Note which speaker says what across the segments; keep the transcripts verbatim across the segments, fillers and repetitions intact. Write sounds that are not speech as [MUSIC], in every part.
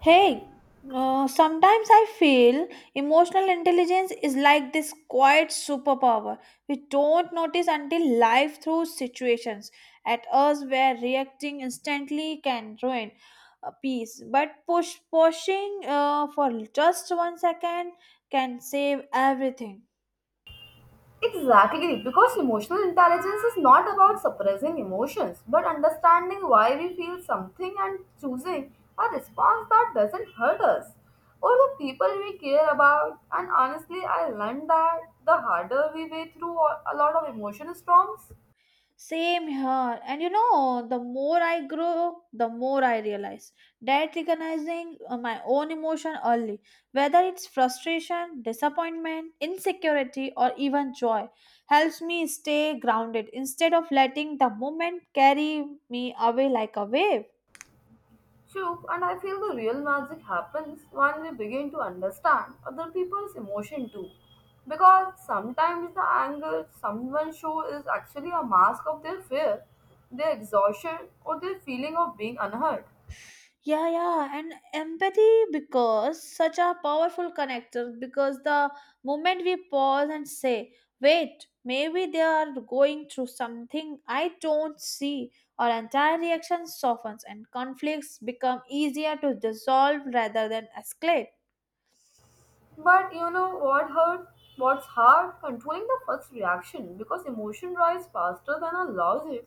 Speaker 1: Hey, uh, sometimes I feel emotional intelligence is like this quiet superpower we don't notice until life throws situations at us where reacting instantly can ruin a peace. But push pushing uh, for just one second can save everything.
Speaker 2: Exactly, because emotional intelligence is not about suppressing emotions, but understanding why we feel something and choosing a response that doesn't hurt us or the people we care about. And honestly, I learned that the harder we way through a a lot of emotion storms.
Speaker 1: Same here. And you know, the more I grow, the more I realize that recognizing uh, my own emotion early, whether it's frustration, disappointment, insecurity, or even joy, helps me stay grounded instead of letting the moment carry me away like a wave.
Speaker 2: True, and I feel the real magic happens when we begin to understand other people's emotion too. Because sometimes the anger someone shows is actually a mask of their fear, their exhaustion, or their feeling of being unheard.
Speaker 1: Yeah, yeah, and empathy because such a powerful connector. Because the moment we pause and say, wait, maybe they are going through something I don't see, our entire reaction softens and conflicts become easier to dissolve rather than escalate.
Speaker 2: But you know what hurt? What's hard? Controlling the first reaction because emotion rise faster than our logic.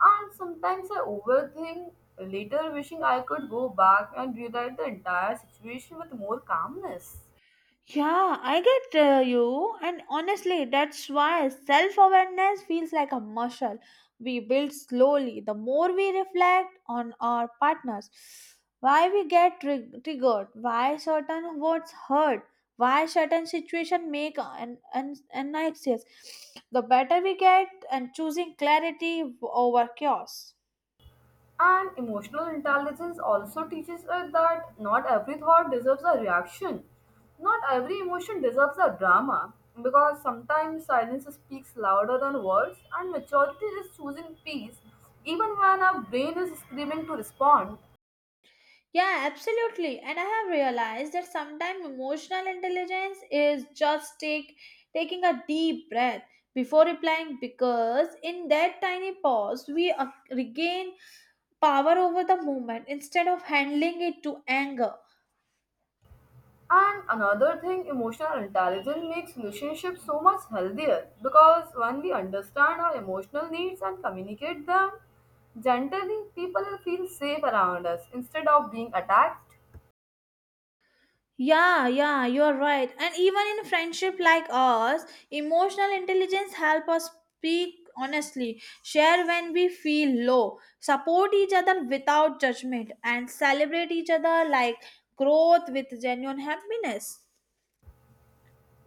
Speaker 2: And sometimes I overthink later, wishing I could go back and rewrite the entire situation with more calmness.
Speaker 1: Yeah, I get uh, you. And honestly, that's why self awareness feels like a muscle we build slowly. The more we reflect on our partners, why we get trig- triggered, why certain words hurt, why certain situations make an, an, an anxious, the better we get and choosing clarity over chaos.
Speaker 2: And emotional intelligence also teaches us that not every thought deserves a reaction. Not every emotion deserves a drama. Because sometimes silence speaks louder than words, and maturity is choosing peace even when our brain is screaming to respond.
Speaker 1: Yeah, absolutely. And I have realized that sometimes emotional intelligence is just take taking a deep breath before replying because in that tiny pause we uh, regain power over the moment instead of handling it to anger.
Speaker 2: And another thing, emotional intelligence makes relationships so much healthier because when we understand our emotional needs and communicate them gently, people feel safe around us instead of being attacked.
Speaker 1: Yeah, yeah, you're right. And even in friendship like ours, emotional intelligence help us speak honestly, share when we feel low, support each other without judgment, and celebrate each other like growth with genuine happiness.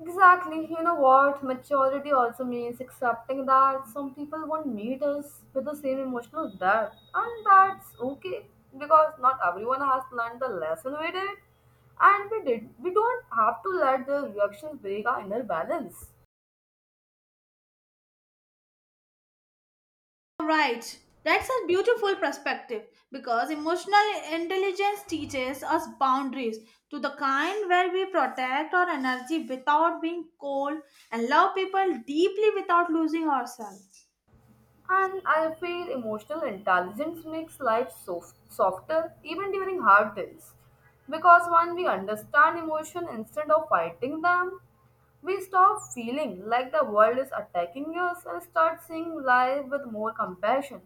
Speaker 2: Exactly. You know what? Maturity also means accepting that some people won't meet us with the same emotional depth, and that's okay because not everyone has learned the lesson we did, and we did. We don't have to let the reactions break our inner balance.
Speaker 1: Right. That's a beautiful perspective because emotional intelligence teaches us boundaries to the kind where we protect our energy without being cold and love people deeply without losing ourselves.
Speaker 2: And I feel emotional intelligence makes life soft, softer even during hard days. Because when we understand emotion instead of fighting them, we stop feeling like the world is attacking us and start seeing life with more compassion.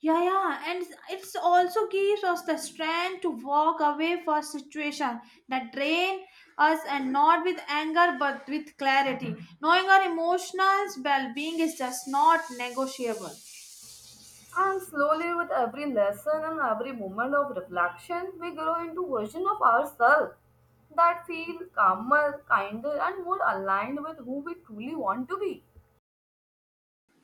Speaker 1: Yeah, yeah, and it's also gives us the strength to walk away for situation that drain us, and not with anger but with clarity. Knowing our emotional well-being is just not negotiable.
Speaker 2: And slowly, with every lesson and every moment of reflection, we grow into version of ourselves that feel calmer, kinder, and more aligned with who we truly want to be.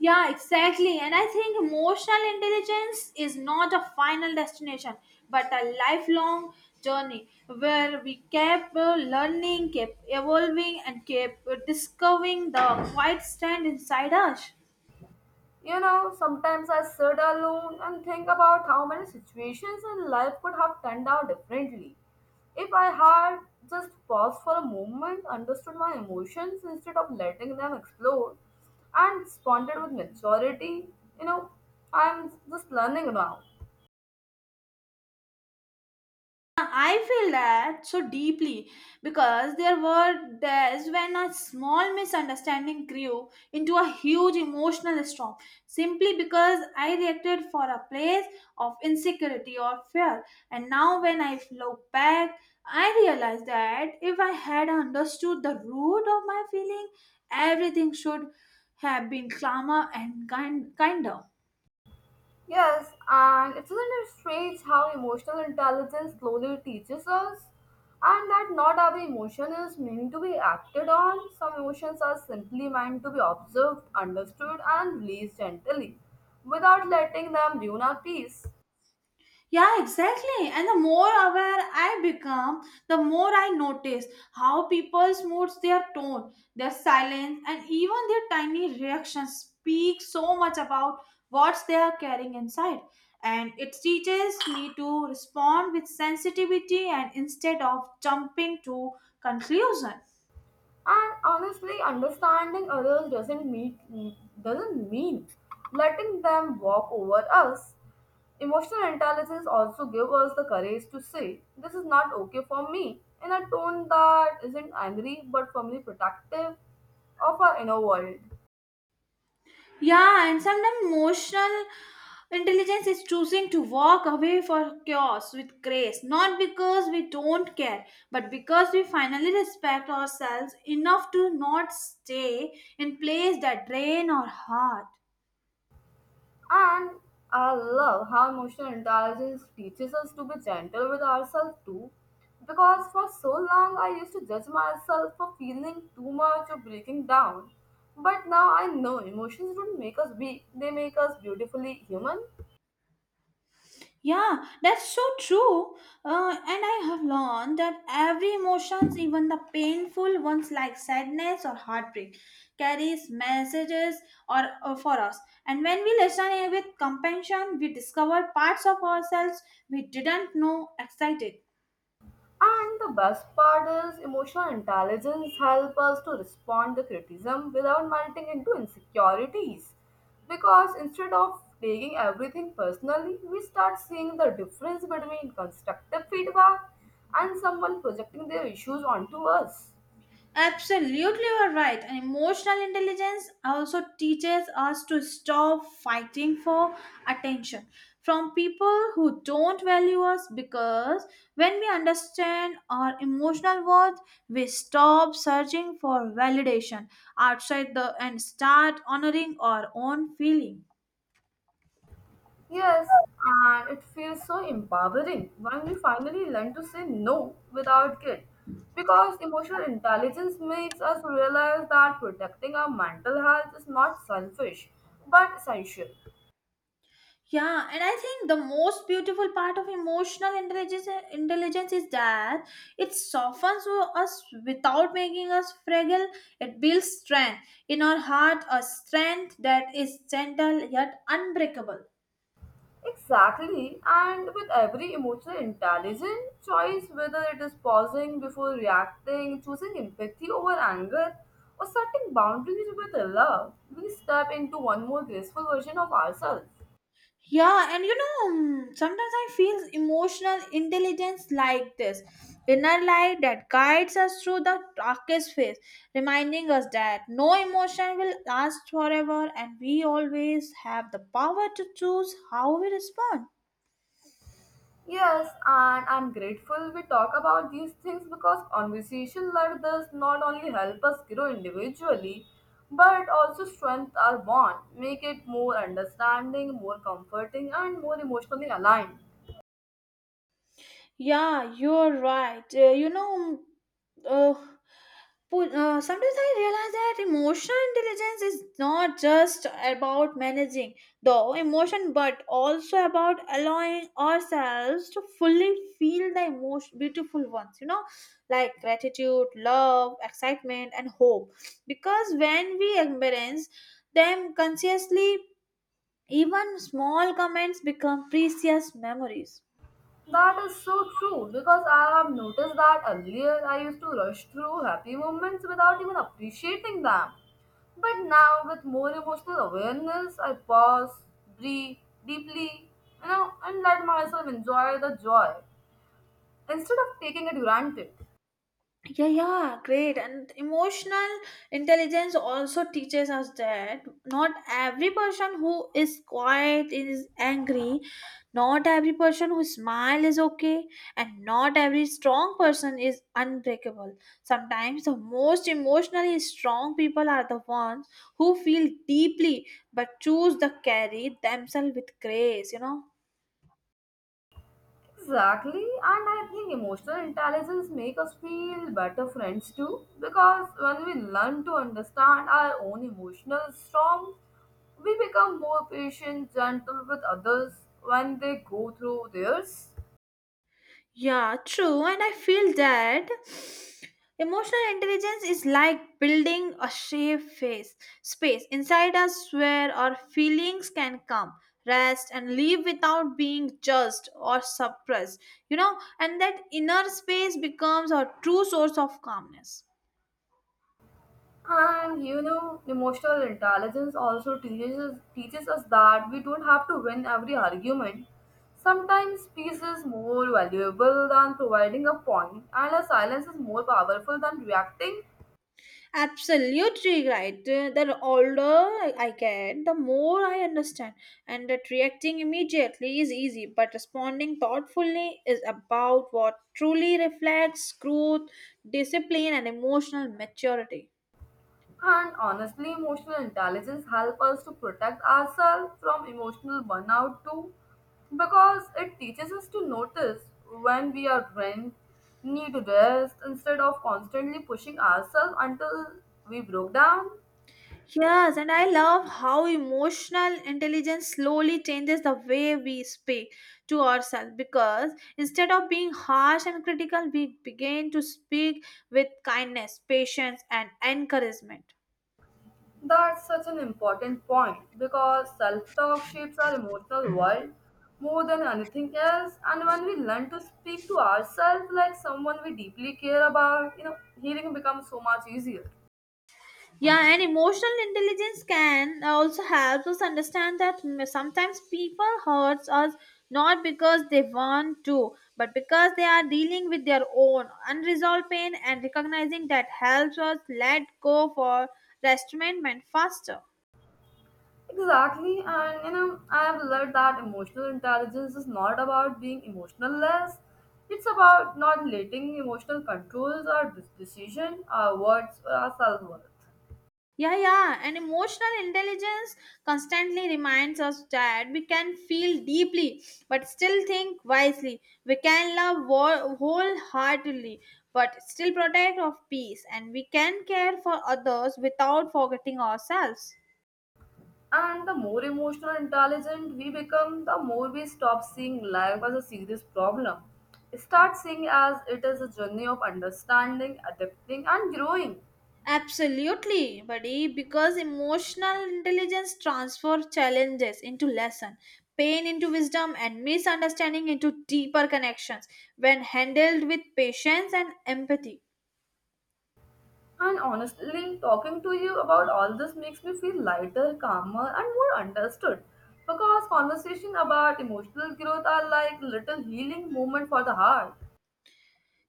Speaker 1: Yeah, exactly. And I think emotional intelligence is not a final destination, but a lifelong journey where we keep uh, learning, keep evolving, and keep uh, discovering the quiet strength inside us.
Speaker 2: You know, sometimes I sit alone and think about how many situations in life could have turned out differently. If I had just paused for a moment, understood my emotions instead of letting them explode, and responded with maturity, you know, I'm just learning now.
Speaker 1: I feel that so deeply because there were days when a small misunderstanding grew into a huge emotional storm simply because I reacted for a place of insecurity or fear. And now, when I look back, I realize that if I had understood the root of my feeling, everything should have been calmer and kind- kinder.
Speaker 2: Yes, and isn't it strange how emotional intelligence slowly teaches us? And that not every emotion is meant to be acted on. Some emotions are simply meant to be observed, understood, and released gently without letting them ruin our peace.
Speaker 1: Yeah, exactly. And the more aware I become, the more I notice how people's moods, their tone, their silence, and even their tiny reactions speak so much about what they are carrying inside. And it teaches me to respond with sensitivity and instead of jumping to conclusion.
Speaker 2: And honestly, understanding others doesn't mean doesn't mean letting them walk over us. Emotional intelligence also gives us the courage to say, "This is not okay for me," in a tone that isn't angry but firmly protective of our inner world.
Speaker 1: Yeah, and sometimes emotional intelligence is choosing to walk away for chaos with grace, not because we don't care, but because we finally respect ourselves enough to not stay in place that drain our heart.
Speaker 2: And I love how emotional intelligence teaches us to be gentle with ourselves too. Because for so long I used to judge myself for feeling too much or breaking down. But now I know emotions don't make us weak, they make us beautifully human.
Speaker 1: Yeah, that's so true. Uh, and I have learned that every emotions, even the painful ones like sadness or heartbreak, carries messages or uh, for us. And when we listen with compassion, we discover parts of ourselves we didn't know excited.
Speaker 2: And the best part is emotional intelligence help us to respond to criticism without melting into insecurities. Because instead of taking everything personally, we start seeing the difference between constructive feedback and someone projecting their issues onto us.
Speaker 1: Absolutely, you're right. And emotional intelligence also teaches us to stop fighting for attention from people who don't value us because when we understand our emotional worth, we stop searching for validation outside the and start honoring our own feeling.
Speaker 2: Yes, and it feels so empowering when we finally learn to say no without guilt. Because emotional intelligence makes us realize that protecting our mental health is not selfish but essential.
Speaker 1: Yeah, and I think the most beautiful part of emotional intelligence intelligence is that it softens us without making us fragile. It builds strength in our heart, a strength that is gentle yet unbreakable.
Speaker 2: Exactly, and with every emotional intelligent choice, whether it is pausing before reacting, choosing empathy over anger, or setting boundaries with love, we step into one more graceful version of ourselves.
Speaker 1: Yeah, and you know, mm, sometimes I feel emotional intelligence like this inner light that guides us through the darkest phase, reminding us that no emotion will last forever and we always have the power to choose how we respond.
Speaker 2: Yes, and I'm grateful we talk about these things because conversation like this not only help us grow individually, but also strengthen our bond, make it more understanding, more comforting, and more emotionally aligned.
Speaker 1: Yeah, you're right. Uh, you know, mm, uh, Pu- uh, sometimes I realize that emotional intelligence is not just about managing the emotion but also about allowing ourselves to fully feel the emotion, beautiful ones, you know, like gratitude, love, excitement, and hope. Because when we experience them consciously, even small comments become precious memories.
Speaker 2: That is so true because I have noticed that earlier I used to rush through happy moments without even appreciating them. But now, with more emotional awareness, I pause, breathe deeply, you know, and let myself enjoy the joy instead of taking it granted.
Speaker 1: Yeah, yeah, great. And emotional intelligence also teaches us that not every person who is quiet is angry, not every person who smiles is okay, and not every strong person is unbreakable. Sometimes the most emotionally strong people are the ones who feel deeply but choose to carry themselves with grace, you know.
Speaker 2: Exactly, and I think emotional intelligence make us feel better friends too because when we learn to understand our own emotional storm, we become more patient, gentle with others when they go through theirs.
Speaker 1: Yeah, true. And I feel that emotional intelligence is like building a safe face, space inside us where our feelings can come, rest, and leave without being judged or suppressed. You know, and that inner space becomes our true source of calmness.
Speaker 2: And you know, emotional intelligence also teaches teaches us that we don't have to win every argument. Sometimes peace is more valuable than providing a point, and a silence is more powerful than reacting.
Speaker 1: Absolutely right. Uh, The older I get, the more I understand, and that reacting immediately is easy, but responding thoughtfully is about what truly reflects growth, discipline, and emotional maturity.
Speaker 2: And honestly, emotional intelligence helps us to protect ourselves from emotional burnout too, because it teaches us to notice when we are drained, need to rest instead of constantly pushing ourselves until we broke down.
Speaker 1: Yes, and I love how emotional intelligence slowly changes the way we speak to ourselves because instead of being harsh and critical, we begin to speak with kindness, patience, and encouragement.
Speaker 2: That's such an important point because self talk shapes our emotional world more than anything else. And when we learn to speak to ourselves like someone we deeply care about, you know, healing becomes so much easier.
Speaker 1: Yeah, and emotional intelligence can also help us understand that m- sometimes people hurts us not because they want to, but because they are dealing with their own unresolved pain and recognizing that helps us let go for restrainment faster.
Speaker 2: Exactly, and you know, I have learned that emotional intelligence is not about being emotional less. It's about not letting emotional controls our de- decision, our words, or our self worth.
Speaker 1: Yeah, yeah. And emotional intelligence constantly reminds us that we can feel deeply but still think wisely. We can love wo- wholeheartedly but still protect of peace and we can care for others without forgetting ourselves.
Speaker 2: And the more emotional and intelligent we become, the more we stop seeing life as a serious problem. Start seeing as it is a journey of understanding, adapting, and growing.
Speaker 1: Absolutely, buddy, because emotional intelligence transfer challenges into lesson, pain into wisdom and misunderstanding into deeper connections when handled with patience and empathy.
Speaker 2: And honestly, talking to you about all this makes me feel lighter, calmer, and more understood. Because conversation about emotional growth are like little healing moment for the heart.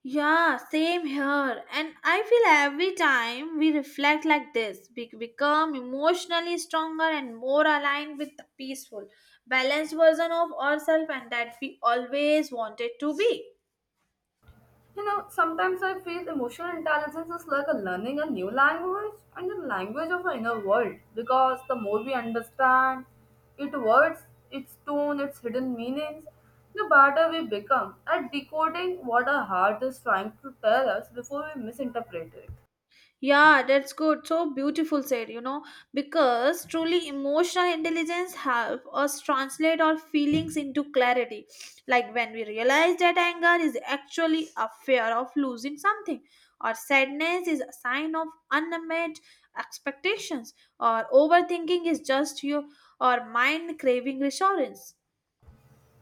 Speaker 1: Yeah, same here. And I feel every time we reflect like this, we become emotionally stronger and more aligned with the peaceful, balanced version of ourselves and that we always wanted to be.
Speaker 2: You know, sometimes I feel emotional intelligence is like a learning a new language and the language of our inner world because the more we understand its words, its tone, its hidden meanings, the better we become at decoding what our heart is trying to tell us before we misinterpret it.
Speaker 1: Yeah, that's good. So beautiful said, you know, because truly emotional intelligence help us translate our feelings into clarity. Like when we realize that anger is actually a fear of losing something, or sadness is a sign of unmet expectations, or overthinking is just your or mind craving reassurance.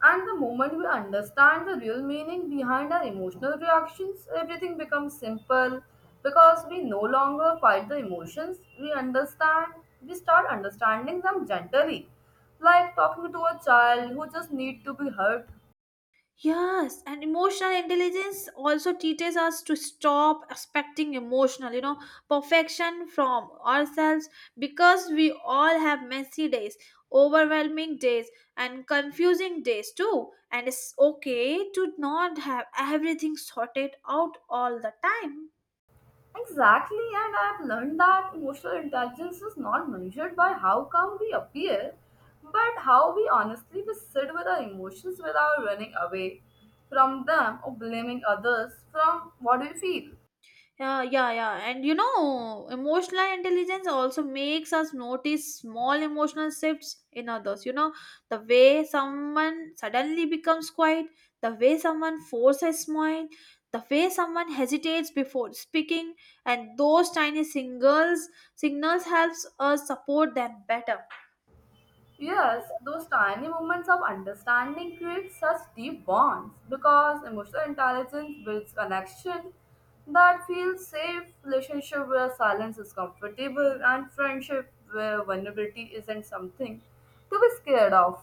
Speaker 2: And the moment we understand the real meaning behind our emotional reactions, everything becomes simple because we no longer fight the emotions. We understand, we start understanding them gently, like talking to a child who just need to be heard.
Speaker 1: Yes, and emotional intelligence also teaches us to stop expecting emotional, you know, perfection from ourselves because we all have messy days, overwhelming days, and confusing days too. And it's okay to not have everything sorted out all the time.
Speaker 2: Exactly, and I have learned that emotional intelligence is not measured by how calm we appear, but how we honestly we sit with our emotions without running away from them or blaming others from what we feel.
Speaker 1: Yeah, yeah, yeah. And you know, emotional intelligence also makes us notice small emotional shifts in others. You know, the way someone suddenly becomes quiet, the way someone forces a smile, the way someone hesitates before speaking, and those tiny singles signals helps us support them better.
Speaker 2: Yes, those tiny moments of understanding create such deep bonds because emotional intelligence builds connection that feels safe, relationship where silence is comfortable, and friendship where vulnerability isn't something to be scared of.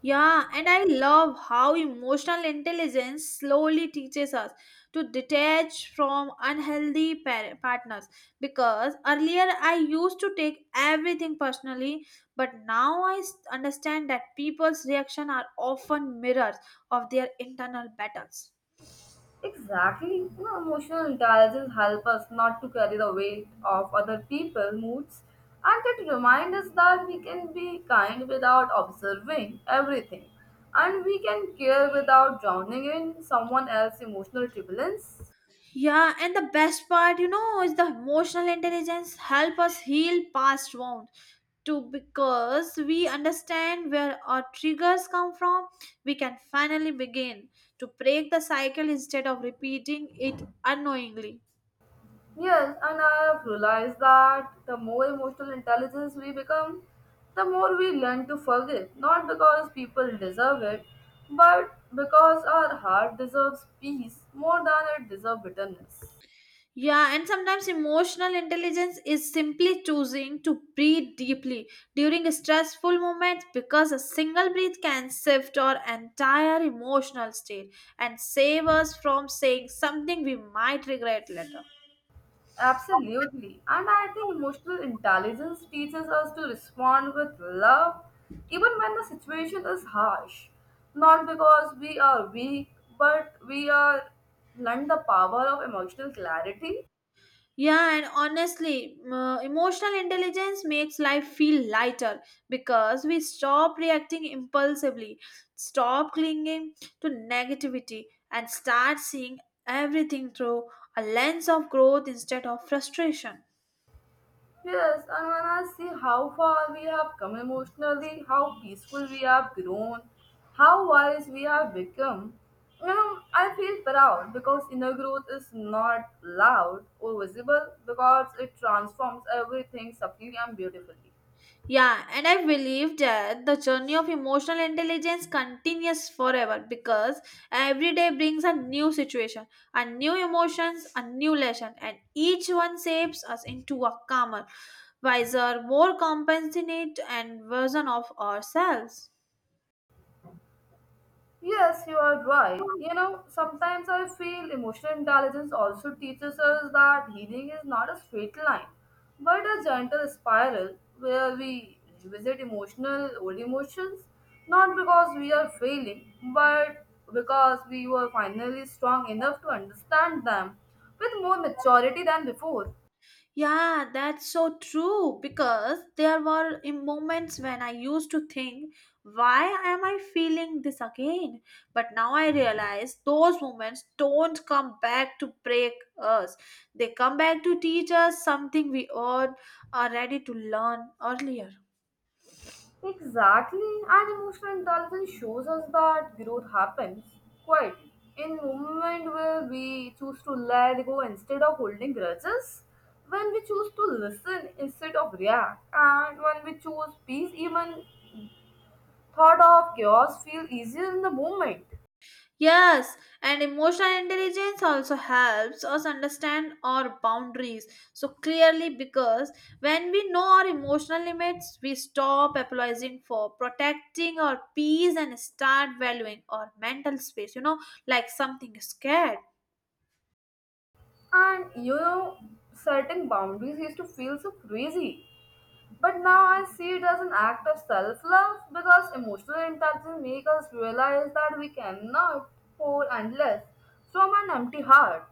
Speaker 1: Yeah, and I love how emotional intelligence slowly teaches us to detach from unhealthy par- partners. Because earlier I used to take everything personally, but now I s- understand that people's reactions are often mirrors of their internal battles.
Speaker 2: Exactly. You know, emotional intelligence helps us not to carry the weight of other people's moods, and it reminds us that we can be kind without observing everything and we can care without drowning in someone else's emotional turbulence.
Speaker 1: Yeah, and the best part, you know, is the emotional intelligence help us heal past wounds to because we understand where our triggers come from we can finally begin to break the cycle instead of repeating it unknowingly.
Speaker 2: Yes, and I have realized that the more emotional intelligence we become, the more we learn to forgive. Not because people deserve it, but because our heart deserves peace more than it deserves bitterness.
Speaker 1: Yeah, and sometimes emotional intelligence is simply choosing to breathe deeply during stressful moments because a single breath can shift our entire emotional state and save us from saying something we might regret later.
Speaker 2: Absolutely. And I think emotional intelligence teaches us to respond with love even when the situation is harsh. Not because we are weak, but we are learn the power of emotional clarity.
Speaker 1: Yeah, and honestly, m- emotional intelligence makes life feel lighter because we stop reacting impulsively, stop clinging to negativity, and start seeing everything through a lens of growth instead of frustration.
Speaker 2: Yes, and when I see how far we have come emotionally, how peaceful we have grown, how wise we have become, you know, I feel proud because inner growth is not loud or visible because it transforms everything subtly and beautifully.
Speaker 1: Yeah, and I believe that the journey of emotional intelligence continues forever because every day brings a new situation, a new emotions, a new lesson, and each one shapes us into a calmer, wiser, more compassionate, and version of ourselves.
Speaker 2: Yes, you are right. You know, sometimes I feel emotional intelligence also teaches us that healing is not a straight line, but a gentle spiral where we revisit emotional old emotions, not because we are failing, but because we were finally strong enough to understand them with more maturity than before.
Speaker 1: Yeah, that's so true because there were in moments when I used to think, why am I feeling this again? But now I realize those moments don't come back to break us. They come back to teach us something we all are ready to learn earlier.
Speaker 2: Exactly, and emotional intelligence shows us that growth happens quietly in moment where we choose to let go instead of holding grudges, when we choose to listen instead of react, and when we choose peace, even thought of chaos feel easier in the moment.
Speaker 1: Yes, and emotional intelligence also helps us understand our boundaries so clearly because when we know our emotional limits, we stop apologizing for protecting our peace and start valuing our mental space, you know, like something is scared.
Speaker 2: And you know, setting boundaries used to feel so crazy. But now I see it as an act of self love because emotional intelligence makes us realize that we cannot pour endless from an empty heart.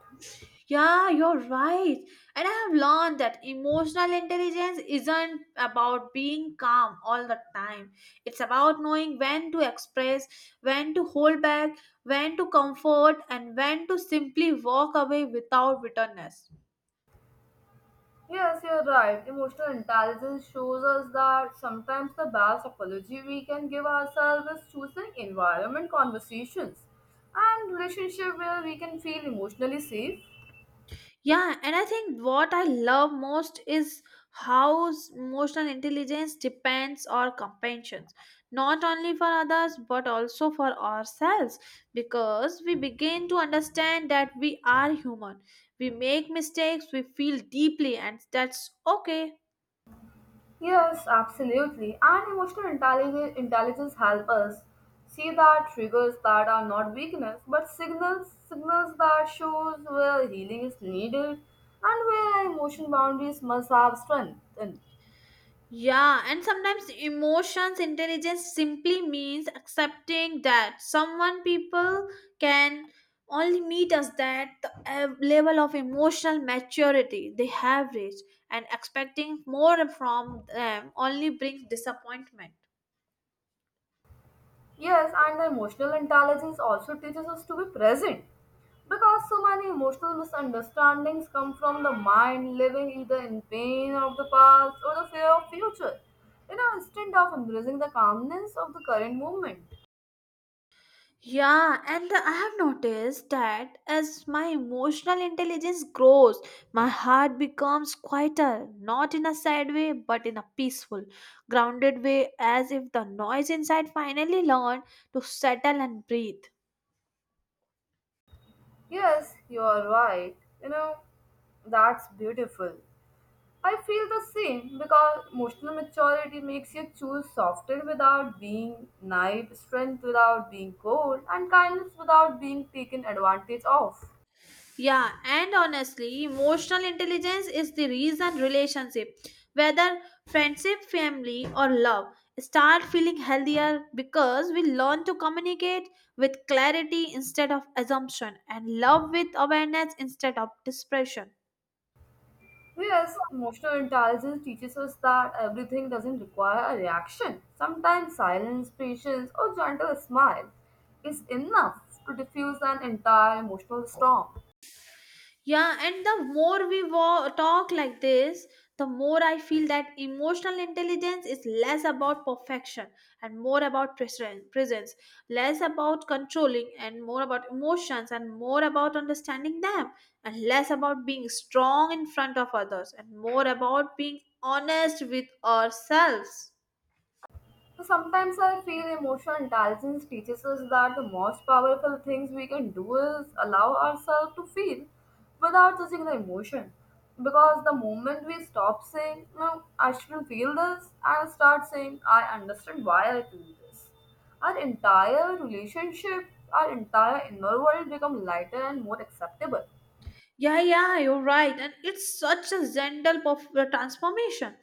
Speaker 1: Yeah, you're right. And I have learned that emotional intelligence isn't about being calm all the time. It's about knowing when to express, when to hold back, when to comfort, and when to simply walk away without bitterness.
Speaker 2: Yes, you're right. Emotional intelligence shows us that sometimes the best apology we can give ourselves is choosing environment, conversations, and relationship where we can feel emotionally safe.
Speaker 1: Yeah, and I think what I love most is how s- emotional intelligence depends on compassion, not only for others but also for ourselves, because we begin to understand that we are human. We make mistakes, we feel deeply, and that's okay.
Speaker 2: Yes, absolutely. And emotional intelligence, intelligence help us see that triggers that are not weakness, but signals signals that shows where healing is needed and where emotion boundaries must have strengthened.
Speaker 1: Yeah, and sometimes emotions intelligence simply means accepting that someone people can only meet us that the uh, level of emotional maturity they have reached, and expecting more from them only brings disappointment.
Speaker 2: Yes, and the emotional intelligence also teaches us to be present because so many emotional misunderstandings come from the mind living either in pain of the past or the fear of future. You know, instead of embracing the calmness of the current moment.
Speaker 1: Yeah, and I have noticed that as my emotional intelligence grows, my heart becomes quieter, not in a sad way, but in a peaceful, grounded way, as if the noise inside finally learned to settle and breathe.
Speaker 2: Yes, you are right. You know, that's beautiful. I feel the same because emotional maturity makes you choose softer without being naive, strength without being cold, and kindness without being taken advantage of.
Speaker 1: Yeah, and honestly, emotional intelligence is the reason relationship, whether friendship, family, or love, start feeling healthier because we learn to communicate with clarity instead of assumption and love with awareness instead of dispersion.
Speaker 2: Yes, emotional intelligence teaches us that everything doesn't require a reaction. Sometimes silence, patience, or gentle smile is enough to diffuse an entire emotional storm.
Speaker 1: Yeah, and the more we wa- talk like this, the more I feel that emotional intelligence is less about perfection and more about presen- presence, less about controlling and more about emotions and more about understanding them, and less about being strong in front of others and more about being honest with ourselves.
Speaker 2: So, sometimes I feel emotional intelligence teaches us that the most powerful things we can do is allow ourselves to feel without judging the emotion. Because the moment we stop saying, no, I shouldn't feel this, and start saying, I understand why I feel this, our entire relationship, our entire inner world become lighter and more acceptable.
Speaker 1: Yeah, yeah, you're right. And it's such a gentle perf- uh, transformation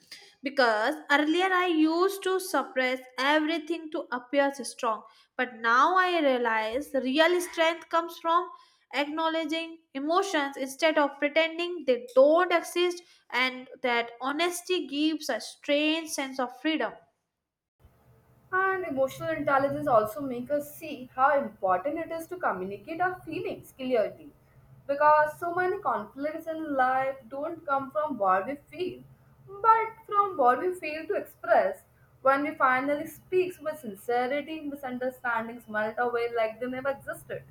Speaker 1: because earlier I used to suppress everything to appear strong, but now I realize the real strength comes from acknowledging emotions instead of pretending they don't exist, and that honesty gives a strange sense of freedom.
Speaker 2: And emotional intelligence also make us see how important it is to communicate our feelings clearly. Because so many conflicts in life don't come from what we feel, but from what we fail to express. When we finally speak with sincerity, misunderstandings melt away like they never existed.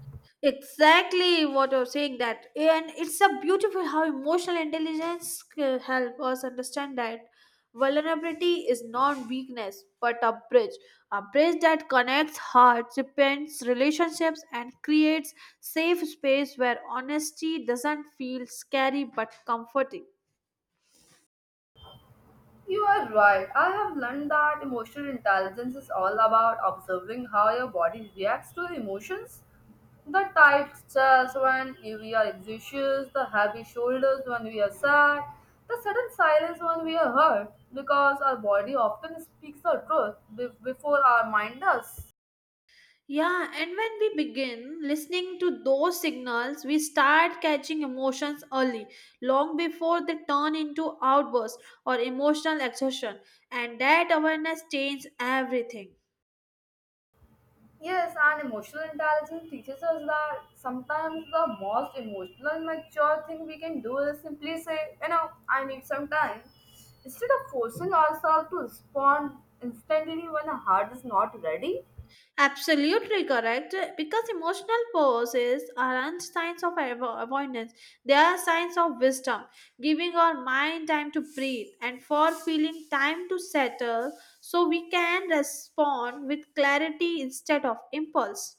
Speaker 1: Exactly what you're saying, that and it's a beautiful how emotional intelligence can help us understand that vulnerability is not weakness but a bridge, a bridge that connects hearts, repents relationships, and creates safe space where honesty doesn't feel scary but comforting.
Speaker 2: You are right. I have learned that emotional intelligence is all about observing how your body reacts to emotions. The tight chest when we are anxious, the heavy shoulders when we are sad, the sudden silence when we are hurt, because our body often speaks the truth be- before our mind does.
Speaker 1: Yeah, and when we begin listening to those signals, we start catching emotions early, long before they turn into outbursts or emotional exhaustion. And that awareness changes everything.
Speaker 2: Yes, and emotional intelligence teaches us that sometimes the most emotional and mature thing we can do is simply say, you know, I need some time. Instead of forcing ourselves to respond instantly when our heart is not ready.
Speaker 1: Absolutely correct. Because emotional pauses aren't signs of avo- avoidance, they are signs of wisdom, giving our mind time to breathe and for feeling time to settle so we can respond with clarity instead of impulse.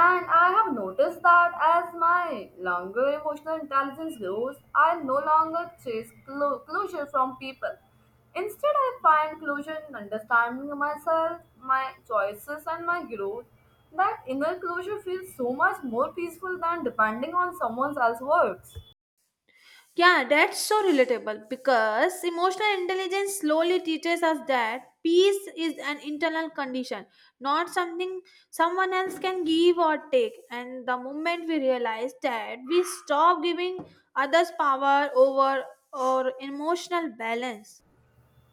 Speaker 2: And I have noticed that as my longer emotional intelligence grows, I no longer chase clo- closure from people. Instead, I find closure in understanding myself, my choices, and my growth. That inner closure feels so much more peaceful than depending on someone else's words.
Speaker 1: Yeah, that's so relatable because emotional intelligence slowly teaches us that peace is an internal condition, not something someone else can give or take. And the moment we realize that, we stop giving others power over our emotional balance.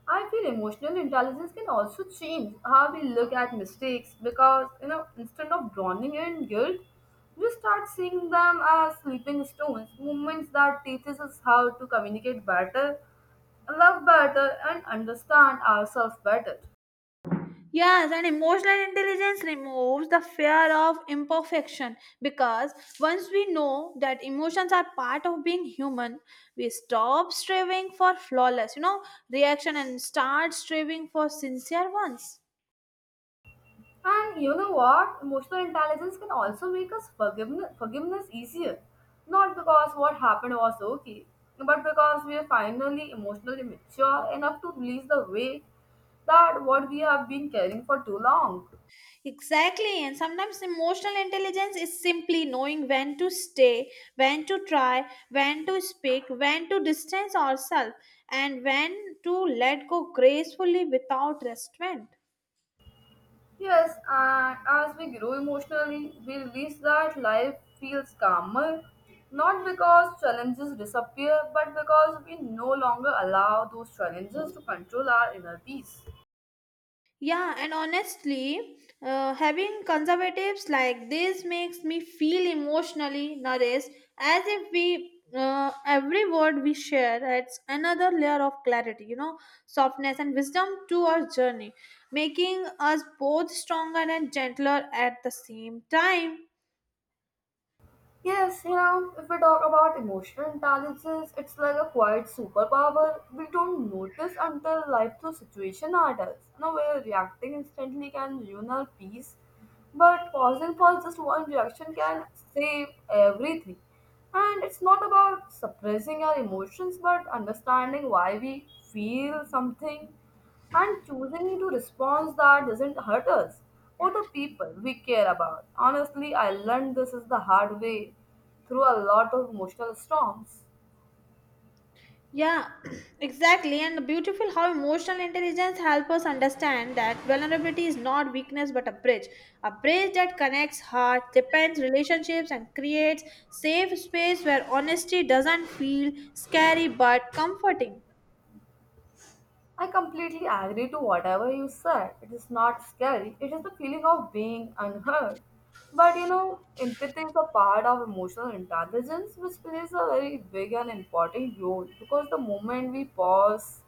Speaker 2: I feel emotional intelligence can also change how we look at mistakes because, you know, instead of drowning in guilt, we start seeing them as sleeping stones, moments that teaches us how to communicate better, love better, and understand ourselves better.
Speaker 1: Yes, and emotional intelligence removes the fear of imperfection because once we know that emotions are part of being human, we stop striving for flawless, you know, reaction and start striving for sincere ones.
Speaker 2: And you know what? Emotional intelligence can also make us forgiveness, forgiveness easier. Not because what happened was okay, but because we are finally emotionally mature enough to release the weight that what we have been carrying for too long.
Speaker 1: Exactly, and sometimes emotional intelligence is simply knowing when to stay, when to try, when to speak, when to distance ourselves, and when to let go gracefully without restraint.
Speaker 2: Yes, and as we grow emotionally, we release that life feels calmer. Not because challenges disappear, but because we no longer allow those challenges to control our inner peace.
Speaker 1: Yeah, and honestly, uh, having conservatives like this makes me feel emotionally nourished, as if we uh, every word we share adds another layer of clarity, you know, softness and wisdom to our journey, making us both stronger and gentler at the same time.
Speaker 2: Yes, you know, if we talk about emotional intelligence, it's like a quiet superpower we don't notice until life through situation at us. You know, where reacting instantly can ruin our peace, but pausing for just one reaction can save everything. And it's not about suppressing our emotions, but understanding why we feel something and choosing to response that doesn't hurt us or the people we care about. Honestly, I learned this is the hard way through a lot of emotional storms.
Speaker 1: Yeah, [CLEARS THROAT] exactly. And beautiful how emotional intelligence helps us understand that vulnerability is not weakness but a bridge. A bridge that connects heart, depends relationships, and creates safe space where honesty doesn't feel scary but comforting.
Speaker 2: I completely agree to whatever you said. It is not scary. It is the feeling of being unheard. But you know, empathy is a part of emotional intelligence which plays a very big and important role because the moment we pause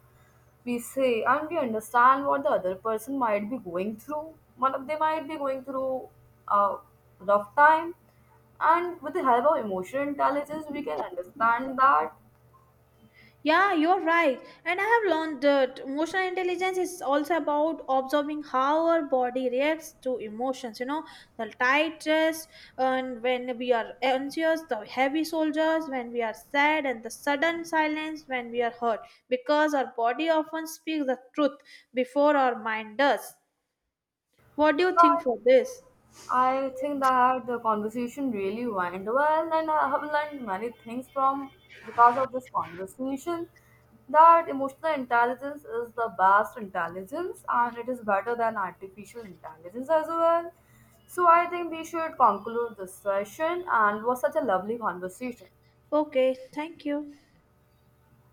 Speaker 2: we say and we understand what the other person might be going through. One of they might be going through a rough time, and with the help of emotional intelligence, we can understand that
Speaker 1: Yeah, you're right. And I have learned that emotional intelligence is also about observing how our body reacts to emotions. You know, the tight chest, and when we are anxious, the heavy shoulders, when we are sad, and the sudden silence when we are hurt. Because our body often speaks the truth before our mind does. What do you think for this?
Speaker 2: I think that the conversation really went well, and I have learned many things from because of this conversation. That emotional intelligence is the best intelligence, and it is better than artificial intelligence as well. So I think we should conclude this session, and it was such a lovely conversation.
Speaker 1: Okay, thank you.